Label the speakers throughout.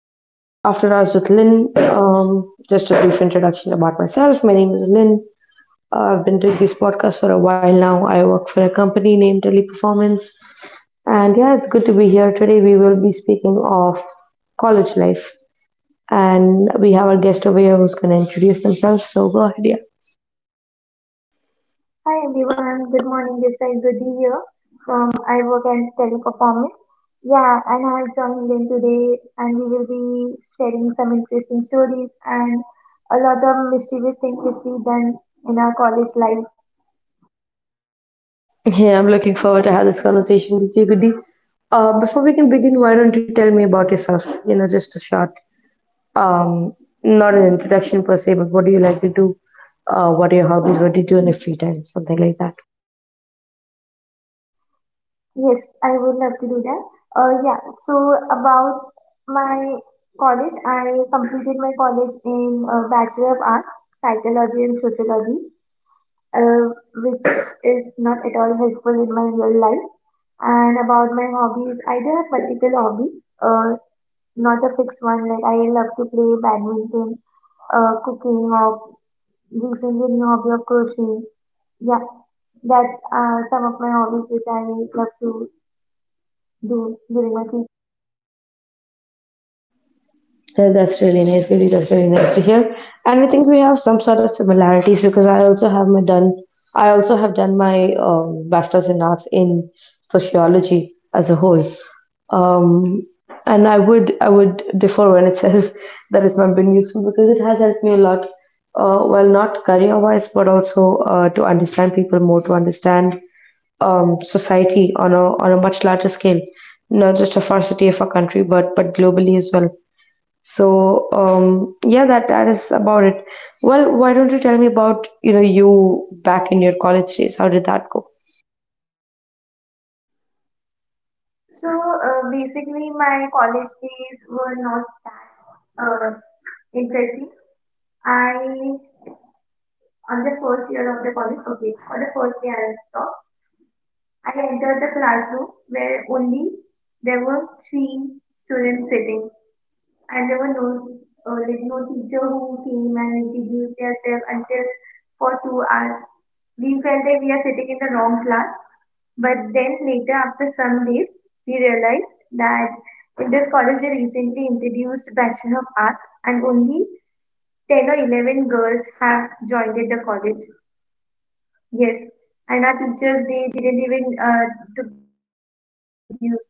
Speaker 1: with After Hours with Lynn. Just a brief introduction about myself. My name is Lynn. I've been doing this podcast for a while now. I work for a company named Teleperformance. And yeah, it's good to be here. Today we will be speaking of college life. And we have our guest over here who's going to introduce themselves. So go ahead, yeah.
Speaker 2: Hi everyone, good morning. This is Goody here from I work as Teleperformance. Yeah, and I have joined in today, and we will be sharing some interesting stories and a lot of mischievous things which we done in our college life.
Speaker 1: Yeah, I'm looking forward to have this conversation with you, Goody. Before we can begin, why don't you tell me about yourself? Just a short Um, not an introduction per se, but what do you like to do? What are your hobbies? What do you do in your free time? Something like that.
Speaker 2: Yes, I would love to do that. Yeah. So about my college, I completed my college in Bachelor of Arts, Psychology and Sociology. uh, which is not at all helpful in my real life. And about my hobbies, I do have multiple hobbies, not a fixed one. Like I love to play badminton, cooking, or recently new hobby of crocheting. Yeah, that's some of my hobbies which I love to do during my free.
Speaker 1: Yeah, that's really nice, Giri. That's really nice to hear. And I think we have some sort of similarities because I also have my done. I also have done my bachelor's in arts in sociology as a whole. Um, and I would differ when it says that it's not been useful because it has helped me a lot. Well, not career wise, but also to understand people more, to understand society on a much larger scale, not just of our city, of our country, but globally as well. So yeah, that is about it. Well, why don't you tell me about, you know, you back in your college days? How did that go?
Speaker 2: So basically, my college days were not that interesting. I On the first year of the college, okay, on the first year I stopped. I entered the classroom where only there were three students sitting, and there were no teacher who came and introduced themselves until for 2 hours. We felt that we are sitting in the wrong class, but then later after some days we realized that in this college they recently introduced Bachelor of Arts and only 10 or 11 girls have joined at the college. Yes, and our teachers they didn't even took the efforts to introduce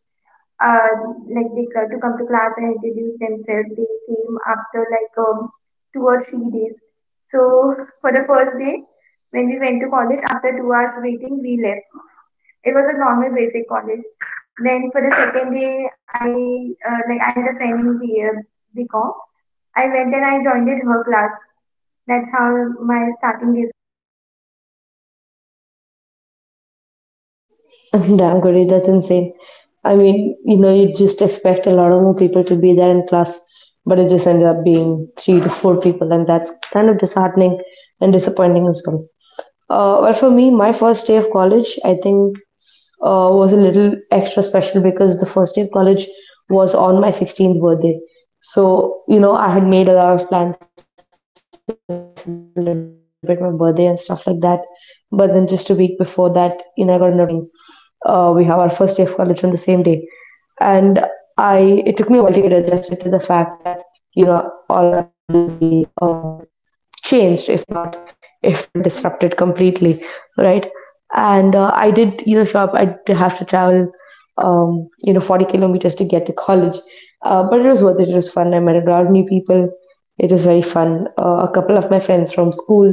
Speaker 2: uh, like they to come to class and introduce themselves. They came after like 2 or 3 days. So for the first day, when we went to college, after 2 hours waiting, we left. It was a normal basic college. Then for the second day, I had a friend in BCom. I went and I joined in her class. That's how my starting days.
Speaker 1: Damn, Gauri, that's insane. I mean, you know, you just expect a lot of more people to be there in class, but it just ended up being three to four people, and that's kind of disheartening and disappointing as well. Well, for me, my first day of college, I think, was a little extra special because the first day of college was on my 16th birthday. So, you know, I had made a lot of plans to celebrate my birthday and stuff like that. But then just a week before that, you know, I got a notice from college stating, we have our first day of college on the same day. And it took me a while to get adjusted to the fact that, you know, all my plans will be, changed if not disrupted completely, right. And I did, you know, show up. I did have to travel, you know, 40 kilometers to get to college. But it was worth it. It was fun. I met a lot of new people. It was very fun. A couple of my friends from school,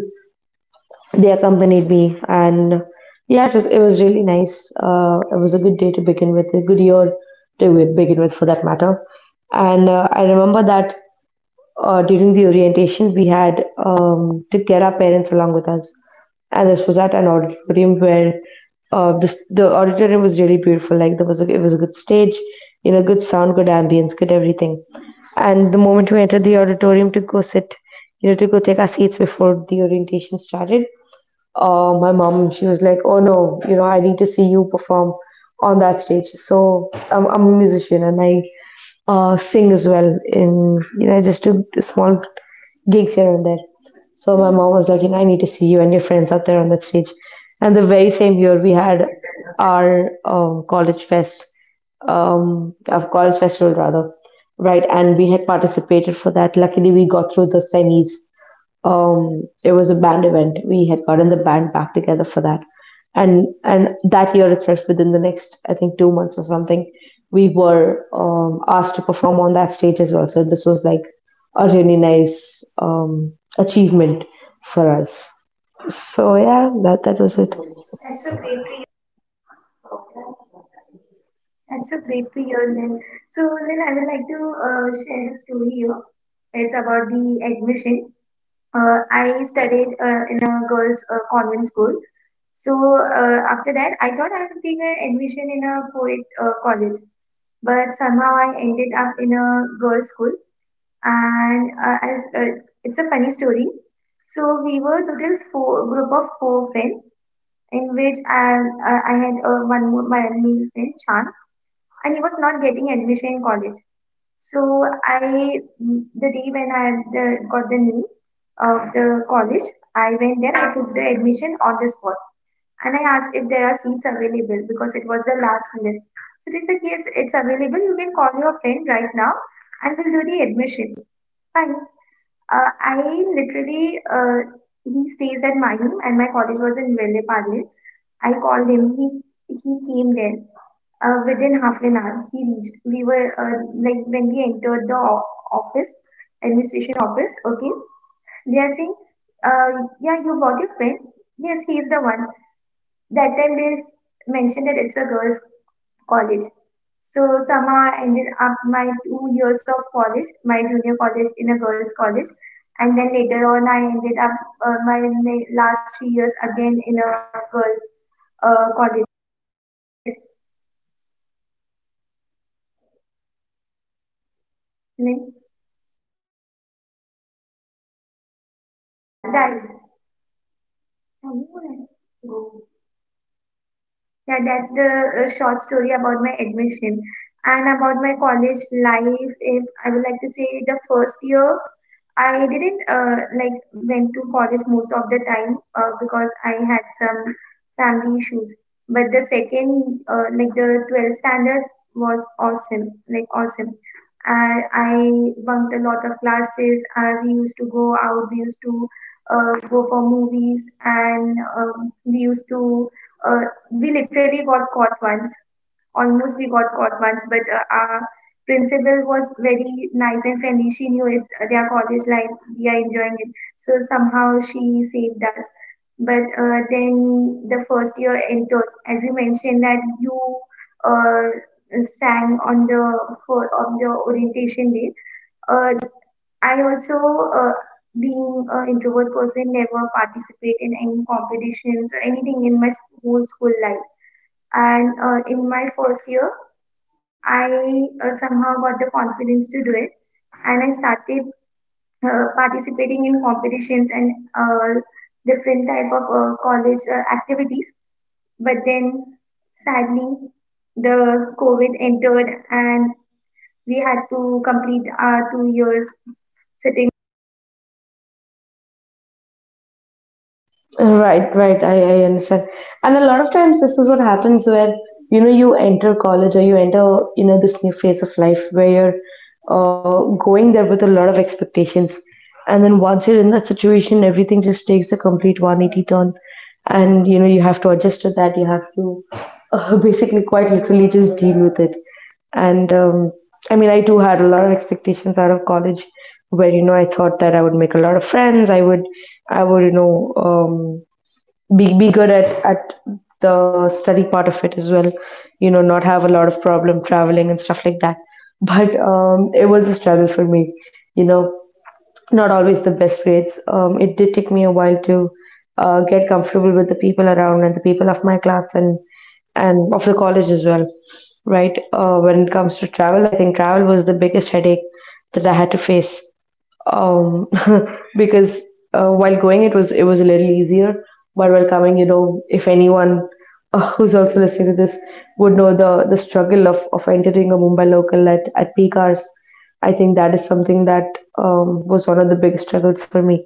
Speaker 1: they accompanied me, and yeah, it was really nice. It was a good day to begin with, a good year to begin with for that matter. And I remember that during the orientation, we had to get our parents along with us. And this was at an auditorium where the auditorium was really beautiful. Like it was a good stage, you know, good sound, good ambience, good everything. And the moment we entered the auditorium to go sit, you know, to go take our seats before the orientation started, my mom, she was like, "Oh no, you know, I need to see you perform on that stage." So I'm a musician, and I sing as well. In you know, I just do small gigs here and there. So my mom was like, you know, I need to see you and your friends out there on that stage. And the very same year we had our college festival rather, right? And we had participated for that. Luckily, we got through the semis. It was a band event. We had gotten the band back together for that, and that year itself, within the next I think two months or something, we were asked to perform on that stage as well. So this was like a really nice achievement for us. So yeah, that was it.
Speaker 2: That's so great to hear, Lynn. So, Lynn, I would like to share a story here. It's about the admission. I studied in a girls' convent school. So after that, I thought I would take an admission in a poet college, but somehow I ended up in a girls' school, and uh, it's a funny story. So we were total four group of four friends, in which I had one more my male friend Chan, and he was not getting admission in college. So I, the day when got the name of the college, I went there. I took the admission on the spot, and I asked if there are seats available because it was the last list. So they said yes, it's available. You can call your friend right now, and we'll do the admission. Fine. Uh, I literally, uh, he stays at my home, and my college was in Velle Parle. I called him. He came there. Within half an hour, he reached. We were like When we entered the office, administration office. Okay, they are saying, uh, yeah, you brought your friend. Yes, he is the one. That time they mentioned that it's a girls' college. So somehow I ended up my 2 years of college, my junior college in a girls' college, and then later on I ended up my last 3 years again in a girls' college. Yes, and then that's. Yeah, that's the short story about my admission. And about my college life, if I would like to say the first year, I didn't like went to college most of the time because I had some family issues. But like the 12th standard was awesome, like awesome. I bunked a lot of classes. We used to go out. We used to go for movies, and we used to uh, we literally got caught once, almost we got caught once. But our principal was very nice and friendly. She knew it's their college life we are enjoying it, so somehow she saved us. But then the first year entered, as you mentioned that you uh, sang on the orientation day. uh, I also, uh, being an introvert person, never participate in any competitions or anything in my whole school life. And in my first year, I somehow got the confidence to do it, and I started participating in competitions and uh, different type of college activities. But then, sadly, the COVID entered, and we had to complete our 2 years sitting.
Speaker 1: Right, right. I understand. And a lot of times this is what happens where, you know, you enter college or you enter, you know, this new phase of life where you're going there with a lot of expectations. And then once you're in that situation, everything just takes a complete 180 turn. And, you know, you have to adjust to that. You have to basically quite literally just deal with it. And I mean, I too had a lot of expectations out of college, where, you know, I thought that I would make a lot of friends. I would, you know, be good at the study part of it as well. You know, not have a lot of problem traveling and stuff like that. But it was a struggle for me. You know, not always the best grades. It did take me a while to get comfortable with the people around and the people of my class and of the college as well, right? When it comes to travel, I think travel was the biggest headache that I had to face, um, because while going it was a little easier, but while coming, you know, if anyone who's also listening to this would know the struggle of entering a Mumbai local at peak hours. I think that is something that was one of the big struggles for me.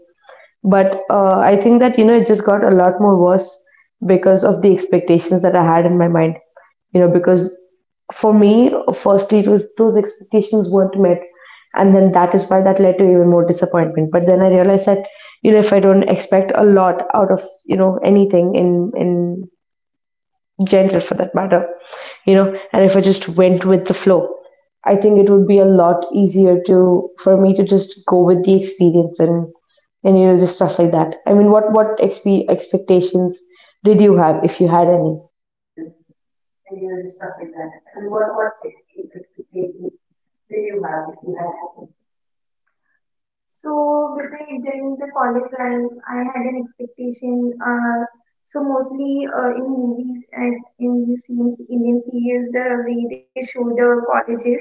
Speaker 1: But I think that, you know, it just got a lot more worse because of the expectations that I had in my mind. You know, because for me, firstly, it was those expectations weren't met. And then that is why that led to even more disappointment. But then I realized that, you know, if I don't expect a lot out of, you know, anything in gentle for that matter, you know, and if I just went with the flow, I think it would be a lot easier to for me to just go with the experience and you know, just stuff like that. I mean, what expectations did you have if you had any?
Speaker 2: So between during the college life, I had an expectation. So mostly in movies and in the scenes, Indian series, the way they show the colleges,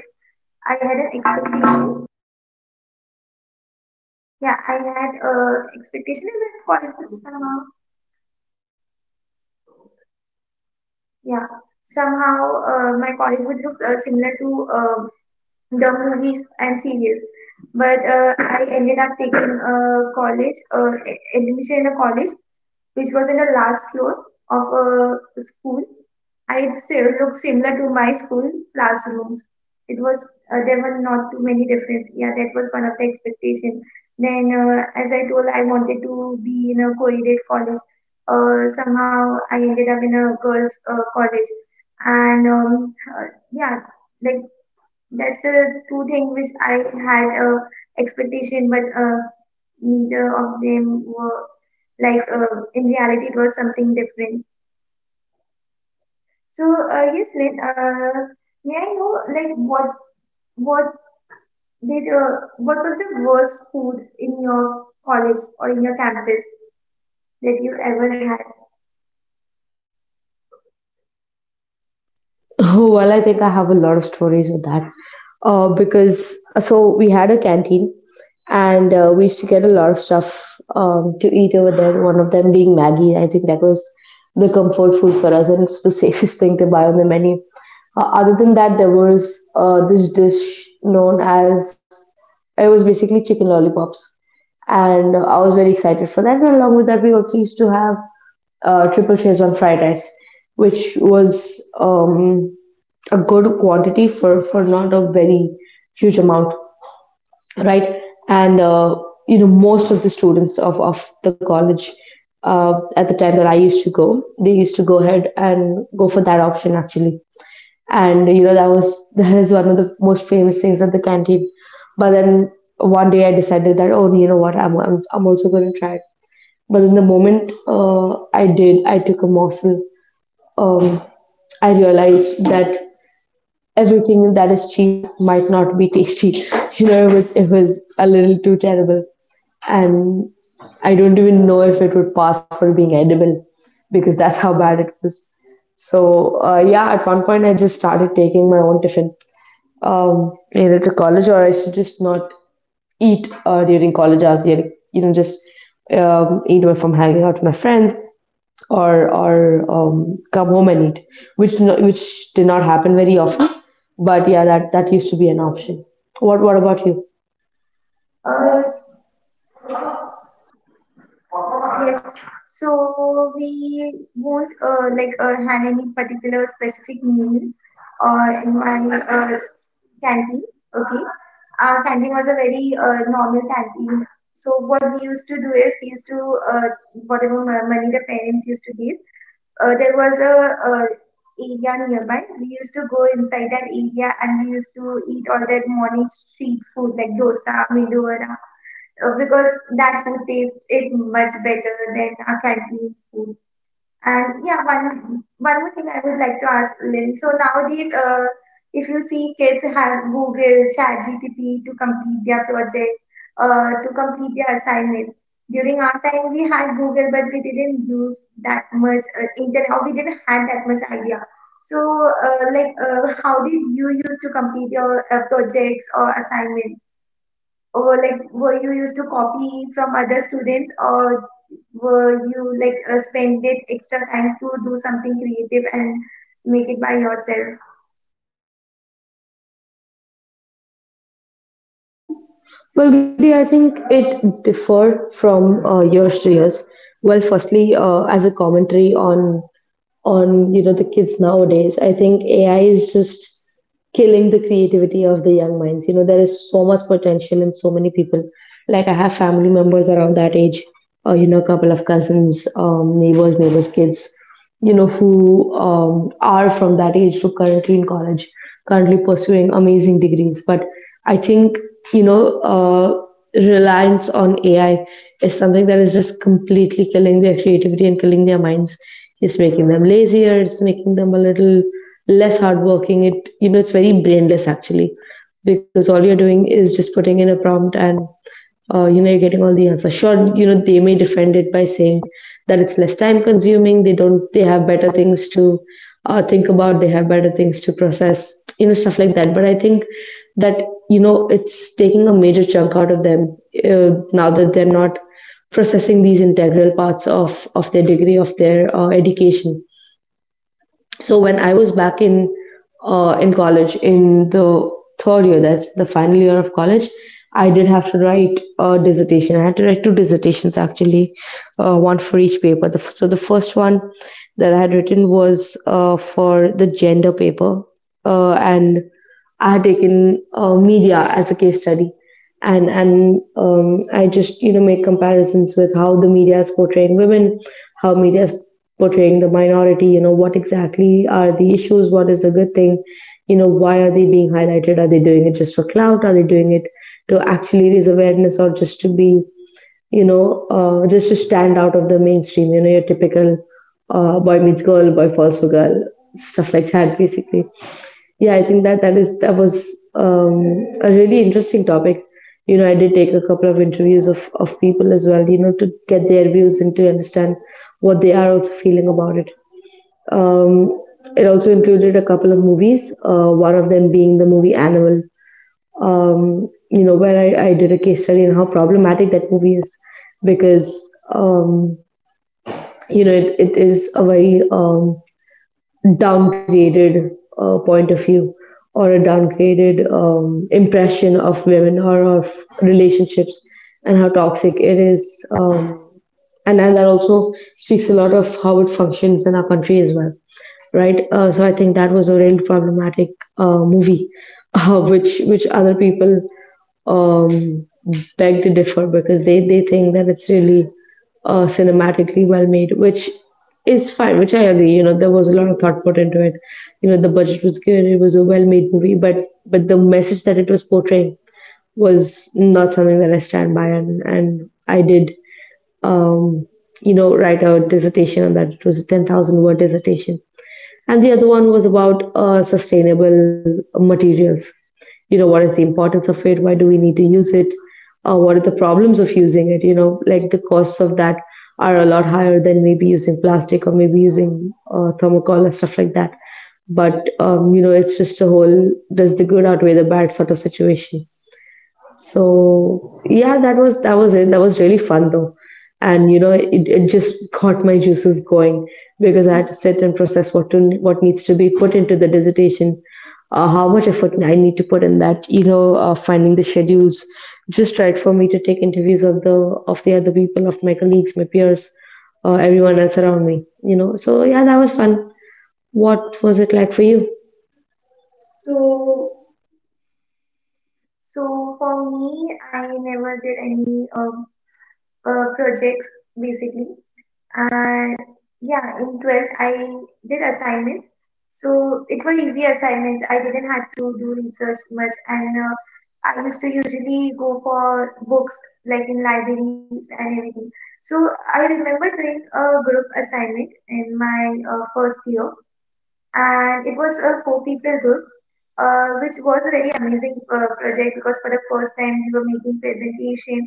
Speaker 2: I had an expectation. Yeah, I had expectation that college would yeah, somehow my college would look similar to the movies and series. But I ended up taking admission in a college which was in the last floor of a school. I it si- looked similar to my school classrooms. It was There were not too many difference. Yeah, that was one of the expectation. Then, as I told, I wanted to be in a co-aided college. Somehow, I ended up in a girls' college, and yeah, like that's the two thing which I had a expectation, but neither of them were like in reality it was something different. So yes Lynn, may I know like what what was the worst food in your college or in your campus that you ever had?
Speaker 1: Oh, well, I think I have a lot of stories with that. Because so we had a canteen, and we used to get a lot of stuff to eat over there. One of them being Maggie. I think that was the comfort food for us, and it was the safest thing to buy on the menu. Other than that, there was this dish known as, it was basically chicken lollipops, and I was very excited for that. And along with that, we also used to have triple cheese on fried rice, which was a good quantity for not a very huge amount, right. And you know, most of the students of the college at the time that I used to go, they used to go ahead and go for that option actually. And you know, that was that is one of the most famous things at the canteen. But then one day I decided that, oh, you know what, I'm also going to try it. But then the moment I did, I took a morsel, um, I realized that everything that is cheap might not be tasty. You know, it was a little too terrible, and I don't even know if it would pass for being edible, because that's how bad it was. So yeah, at one point I just started taking my own tiffin, either to college, or I should just not eat during college hours. You know, just eat away from hanging out with my friends, or come home and eat, which no, which did not happen very often. But yeah, that used to be an option. What about you?
Speaker 2: uh, Yes. So we won't have any particular specific meal in my uh, canteen. Okay. Our canteen was a very normal canteen. So what we used to do is we used to whatever money the parents used to give. There was a uh, area nearby. We used to go inside that area and we used to eat all that morning street food like dosa, medu vada, because that food tastes it much better than our canteen food. And yeah, one more thing I would like to ask Lynn. So nowadays, if you see kids have Google, ChatGPT to complete their projects, to complete their assignments. During our time, we had Google, but we didn't use that much internet, or we didn't have that much idea. So, how did you use to complete your projects or assignments? Or like were you used to copy from other students, or were you like spend it extra time to do something creative and make it by yourself?
Speaker 1: Well, Goody, I think it differed from years to years. Well, firstly, as a commentary on, you know, the kids nowadays, I think AI is just killing the creativity of the young minds. You know, there is so much potential in so many people. Like I have family members around that age, or you know, a couple of cousins, neighbors, neighbors' kids, you know, who are from that age, who currently in college, currently pursuing amazing degrees. But I think, you know, reliance on AI is something that is just completely killing their creativity and killing their minds. It's making them lazier. It's making them a little less hardworking. It it's very brainless actually, because all you're doing is just putting in a prompt and you're getting all the answers. Sure, you know they may defend it by saying that it's less time consuming. They don't they have better things to think about. They have better things to process. You know stuff like that. But I think that it's taking a major chunk out of them, now that they're not processing these integral parts of their degree, of their education. So when I was back in college in the third year, that's the final year of college, I did have to write a dissertation. I had to write two dissertations actually, one for each paper. So the first one that I had written was for the gender paper, and I had taken media as a case study, and I just made comparisons with how the media is portraying women, how media is portraying the minority. You know, what exactly are the issues? What is the good thing? You know, why are they being highlighted? Are they doing it just for clout? Are they doing it to actually raise awareness, or just to be just to stand out of the mainstream, you know, your typical boy meets girl, boy falls for girl, stuff like that, basically. Yeah, I think that was a really interesting topic. You know, I did take a couple of interviews of people as well, you know, to get their views and to understand what they are also feeling about it. Um, it also included a couple of movies, one of them being the movie Animal, you know, where I did a case study on how problematic that movie is because, you know, it is a very downgraded point of view, or a downgraded impression of women or of relationships, and how toxic it is. And that also speaks a lot of how it functions in our country as well, right? So I think that was a real problematic movie, which other people um, beg to differ because they think that it's really cinematically well made, which is fine, which I agree. You know, there was a lot of thought put into it. You know, the budget was good; it was a well made movie, but the message that it was portraying was not something that I stand by, and I did um, write a dissertation on that. It was a 10,000 word dissertation. And the other one was about sustainable materials. You know, what is the importance of it? Why do we need to use it? What are the problems of using it? You know, like the costs of that are a lot higher than maybe using plastic, or maybe using thermocol and stuff like that. But, you know, it's just a whole does the good outweigh the bad sort of situation. So yeah, that was it. That was really fun though. And you know, it just got my juices going because I had to sit and process what needs to be put into the dissertation, how much effort I need to put in that. You know, finding the schedules just right for me to take interviews of the other people, of my colleagues, my peers, everyone else around me. You know, so yeah, that was fun. What was it like for you?
Speaker 2: So for me I never did any projects basically. And yeah, in 12th, I did assignments. So it was easy assignments. I didn't have to do research much. And I used to usually go for books like in libraries and everything. So I remember doing a group assignment in my first year, and it was a four people group, which was a very amazing project because for the first time we were making presentation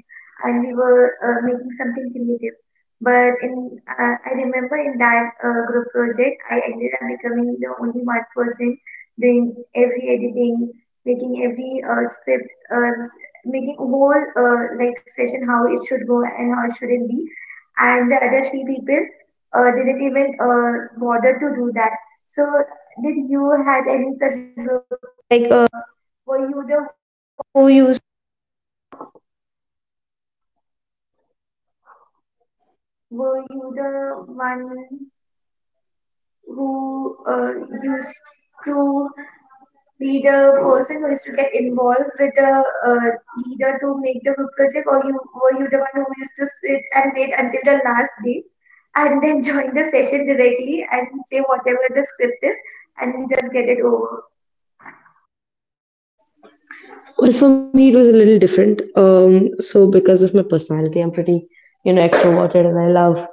Speaker 2: and we were making something creative. But in I remember in that group project, I ended up becoming the only one person doing every editing, making every script, making whole like session how it should go and how it shouldn't be. And the other three people didn't even bother to do that. So did you had any who used to be the person who used to get involved with the leader to make the group project, or you the one who used to and wait until the last day and then join the session directly and say whatever the script is and just get it over?
Speaker 1: Well, for me, it was a little different. So because of my personality, I'm pretty, you know, extroverted, and I love,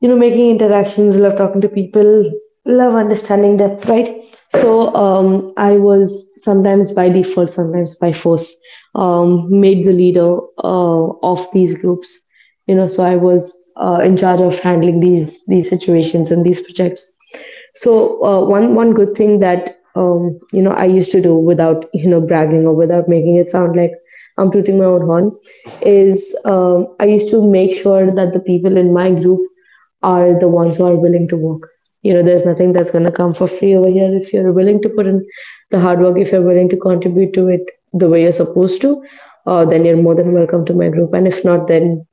Speaker 1: you know, making interactions, love talking to people, love understanding depth, right? So I was sometimes by default, sometimes by force, made the leader of these groups. You know, so I was in charge of handling these situations and these projects. So one good thing that I used to do, without bragging or without making it sound like I'm tooting my own horn, is I used to make sure that the people in my group are the ones who are willing to work. You know, there's nothing that's going to come for free over here. If you're willing to put in the hard work, if you're willing to contribute to it the way you're supposed to, then you're more than welcome to my group, and if not, then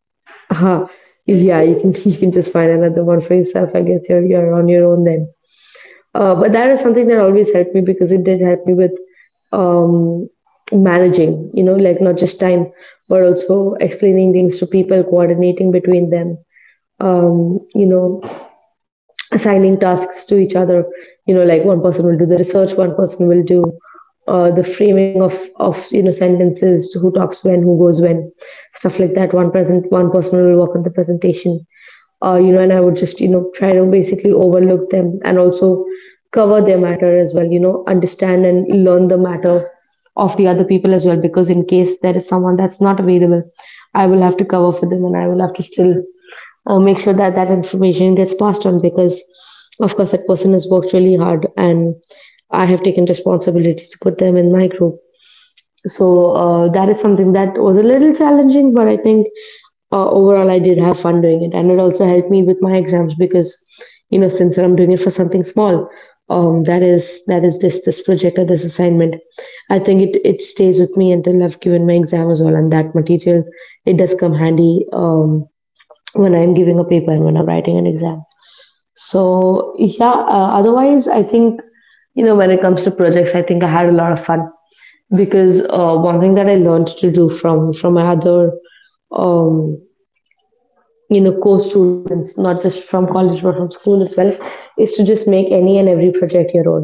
Speaker 1: uh-huh. Yeah, you can you can just find another one for yourself. I guess you're on your own then. But that is something that always helped me because it did help me with um, managing. You know, like not just time, but also explaining things to people, coordinating between them. You know, assigning tasks to each other. You know, like one person will do the research, one person will do the framing of sentences, who talks when, who goes when, stuff like that. One person will work on the presentation. And I would just try to basically overlook them, and also cover their matter as well. You know, understand and learn the matter of the other people as well, because in case there is someone that's not available, I will have to cover for them, and I will have to still make sure that that information gets passed on. Because of course, that person has worked really hard, and I have taken responsibility to put them in my group. So that is something that was a little challenging, but I think overall I did have fun doing it, and it also helped me with my exams. Because you know, since I'm doing it for something small, that is this project or this assignment, I think it stays with me until I've given my exam as well, and that material, it does come handy, um, when I'm giving a paper and when I'm writing an exam. So, yeah, otherwise, I think, you know, when it comes to projects, I think I had a lot of fun, because one thing that I learned to do from my other, um, you know, co students, not just from college, but from school as well, is to just make any and every project your own.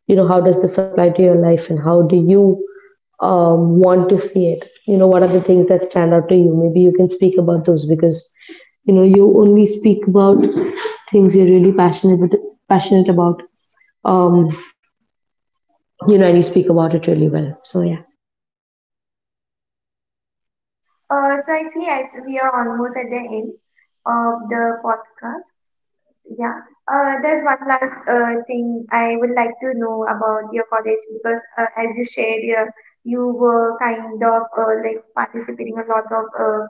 Speaker 1: You know, how does this apply to your life, and how do you want to see it? You know, what are the things that stand out to you? Maybe you can speak about those, because you know, you only speak about things you're really passionate about, um, you know, and you speak about it really well. So yeah.
Speaker 2: So I see we are almost at the end of the podcast. Yeah. There's one last thing I would like to know about your college because as you shared, you were kind of like participating a lot of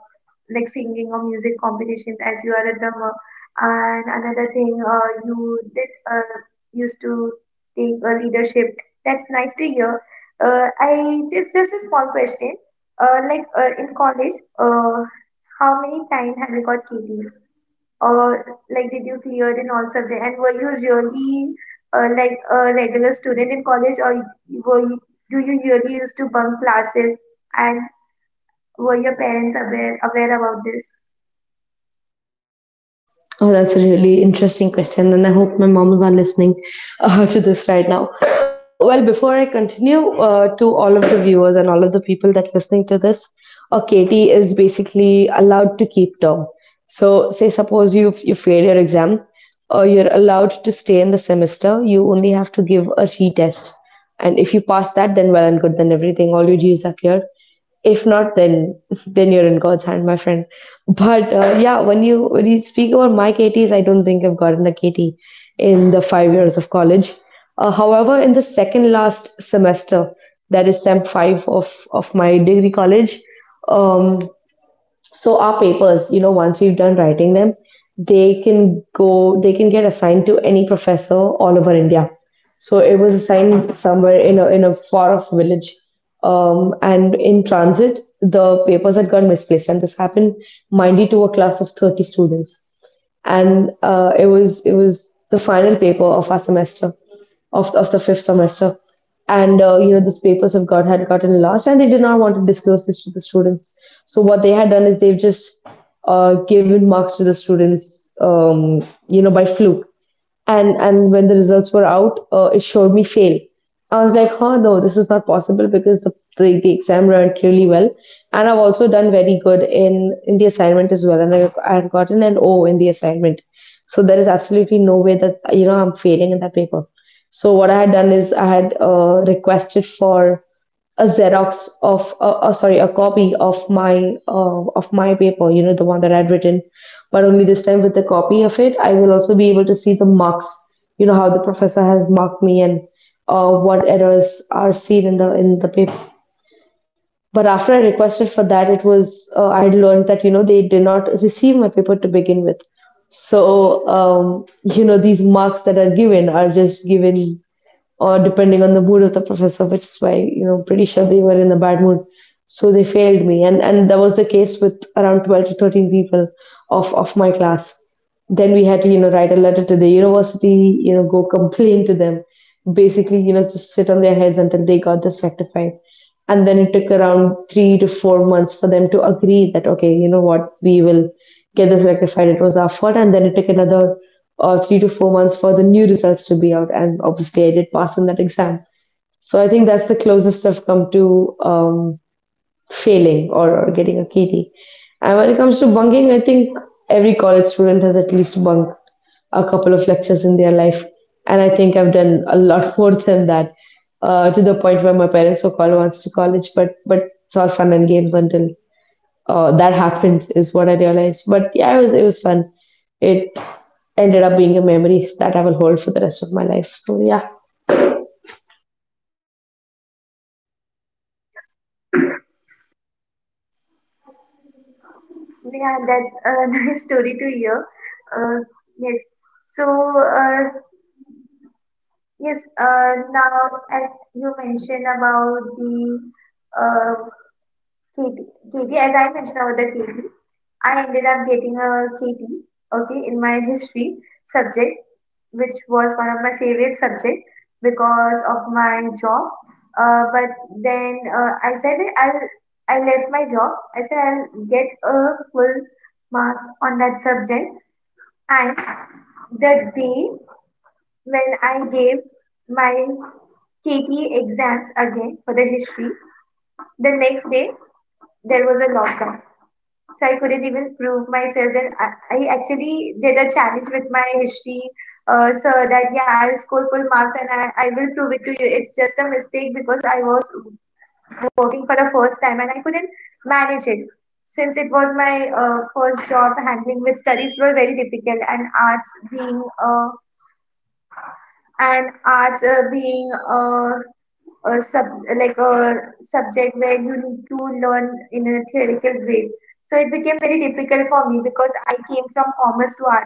Speaker 2: like singing or music competitions, as you are a drummer. And another thing, you did used to take a leadership. That's nice to hear. I just a small question. Like in college, uh, how many times have you got KTs? Or like did you clear in all subjects? And were you really like a regular student in college, or do you really used to bunk classes? And were your parents aware about this?
Speaker 1: Oh, that's a really interesting question, and I hope my mom is not listening to this right now. Well, before I continue, to all of the viewers and all of the people that listening to this, Katie is basically allowed to keep term. So, say suppose you fail your exam, you're allowed to stay in the semester. You only have to give a retest, and if you pass that, then well and good. Then everything, all your dues are cleared. If not, then then you're in God's hand, my friend. But yeah, when you speak about my KTs, I don't think I've gotten a KT in the 5 years of college. However, in the second last semester, that is sem five of my degree college, um, so our papers, you know, once we've done writing them, they can go, they can get assigned to any professor all over India. So it was assigned somewhere in a far off village, and in transit the papers had got misplaced, and this happened, mind you, to a class of 30 students. And it was the final paper of our semester, of the fifth semester, and you know, these papers have got had gotten lost, and they did not want to disclose this to the students. So what they had done is they've just given marks to the students, you know, by fluke. And when the results were out, it showed me fail. I was like, huh, no, this is not possible because the exam ran really well. And I've also done very good in the assignment as well. And I had gotten an O in the assignment. So there is absolutely no way that, you know, I'm failing in that paper. So what I had done is I had requested for a Xerox of, sorry, a copy of my paper, you know, the one that I'd written. But only this time with the copy of it, I will also be able to see the marks. You know, how the professor has marked me and what errors are seen in the paper. But after I requested for that, it was I had learned that you know they did not receive my paper to begin with. So you know, these marks that are given are just given, or depending on the mood of the professor, which is why you know, pretty sure they were in a bad mood, so they failed me. And that was the case with around 12 to 13 people of my class. Then we had to, you know, write a letter to the university, you know, go complain to them, basically, you know, just sit on their heads until they got this rectified. And then it took around 3 to 4 months for them to agree that okay, you know what, we will get this rectified, it was our fault. And then it took another 3 to 4 months for the new results to be out, and obviously I did pass in that exam. So I think that's the closest I've come to failing or getting a KT. And when it comes to bunking, I think every college student has at least bunked a couple of lectures in their life. And I think I've done a lot more than that, to the point where my parents were called once to college, but it's all fun and games until that happens, is what I realized. But yeah, it was fun. It ended up being a memory that I will hold for the rest of my life. So yeah.
Speaker 2: Yeah, that's a nice story to hear. Uh, yes. So yes, now as you mentioned about the uh, KT, KT, as I mentioned about the KT. I ended up getting a KT, okay, in my history subject, which was one of my favorite subject because of my job. But then I said that I left my job. I said I'll get a full marks on that subject. And the day when I gave my KT exams again for the history, the next day there was a lockdown. So I couldn't even prove myself. And I actually did a challenge with my history sir that yeah, I'll score full marks and I will prove it to you. It's just a mistake because I was working for the first time and I couldn't manage it. Since it was my first job, handling with studies were very difficult, and arts being a sub like a subject where you need to learn in a theoretical base. So it became very difficult for me because I came from commerce to arts.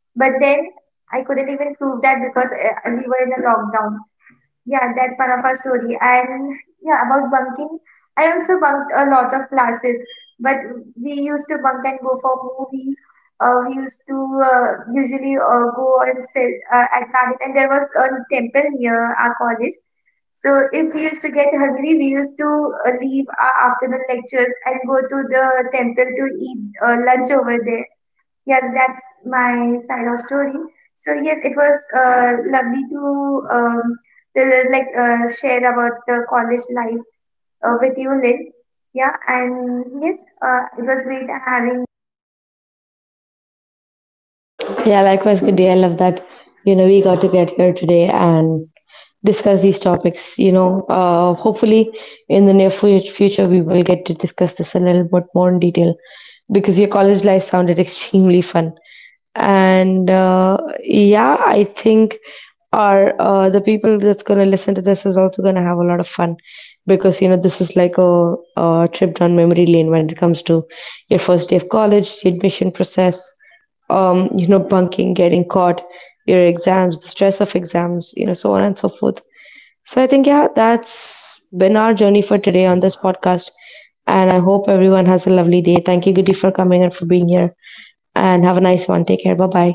Speaker 2: But then I couldn't even prove that because we were in a lockdown. Yeah, that's one of our story. And yeah, about bunking, I also bunked a lot of classes, but we used to bunk and go for movies. We used to usually go and sit at garden, and there was a temple near our college. So if we used to get hungry, we used to leave our afternoon lectures and go to the temple to eat lunch over there. Yes, that's my side of story. So yes, it was lovely to like share about the college life with you, Lynn. Yeah, and yes, it was great having
Speaker 1: Yeah, likewise, good day. I love that, you know, we got to get here today and discuss these topics, you know. Hopefully, in the near future, we will get to discuss this a little bit more in detail, because your college life sounded extremely fun. And yeah, I think, are the people that's going to listen to this is also going to have a lot of fun, because you know, this is like a trip down memory lane when it comes to your first day of college, the admission process, you know, bunking, getting caught, your exams, the stress of exams, you know, so on and so forth. So I think, yeah, that's been our journey for today on this podcast. And I hope everyone has a lovely day. Thank you, Goody, for coming and for being here. And have a nice one. Take care. Bye bye.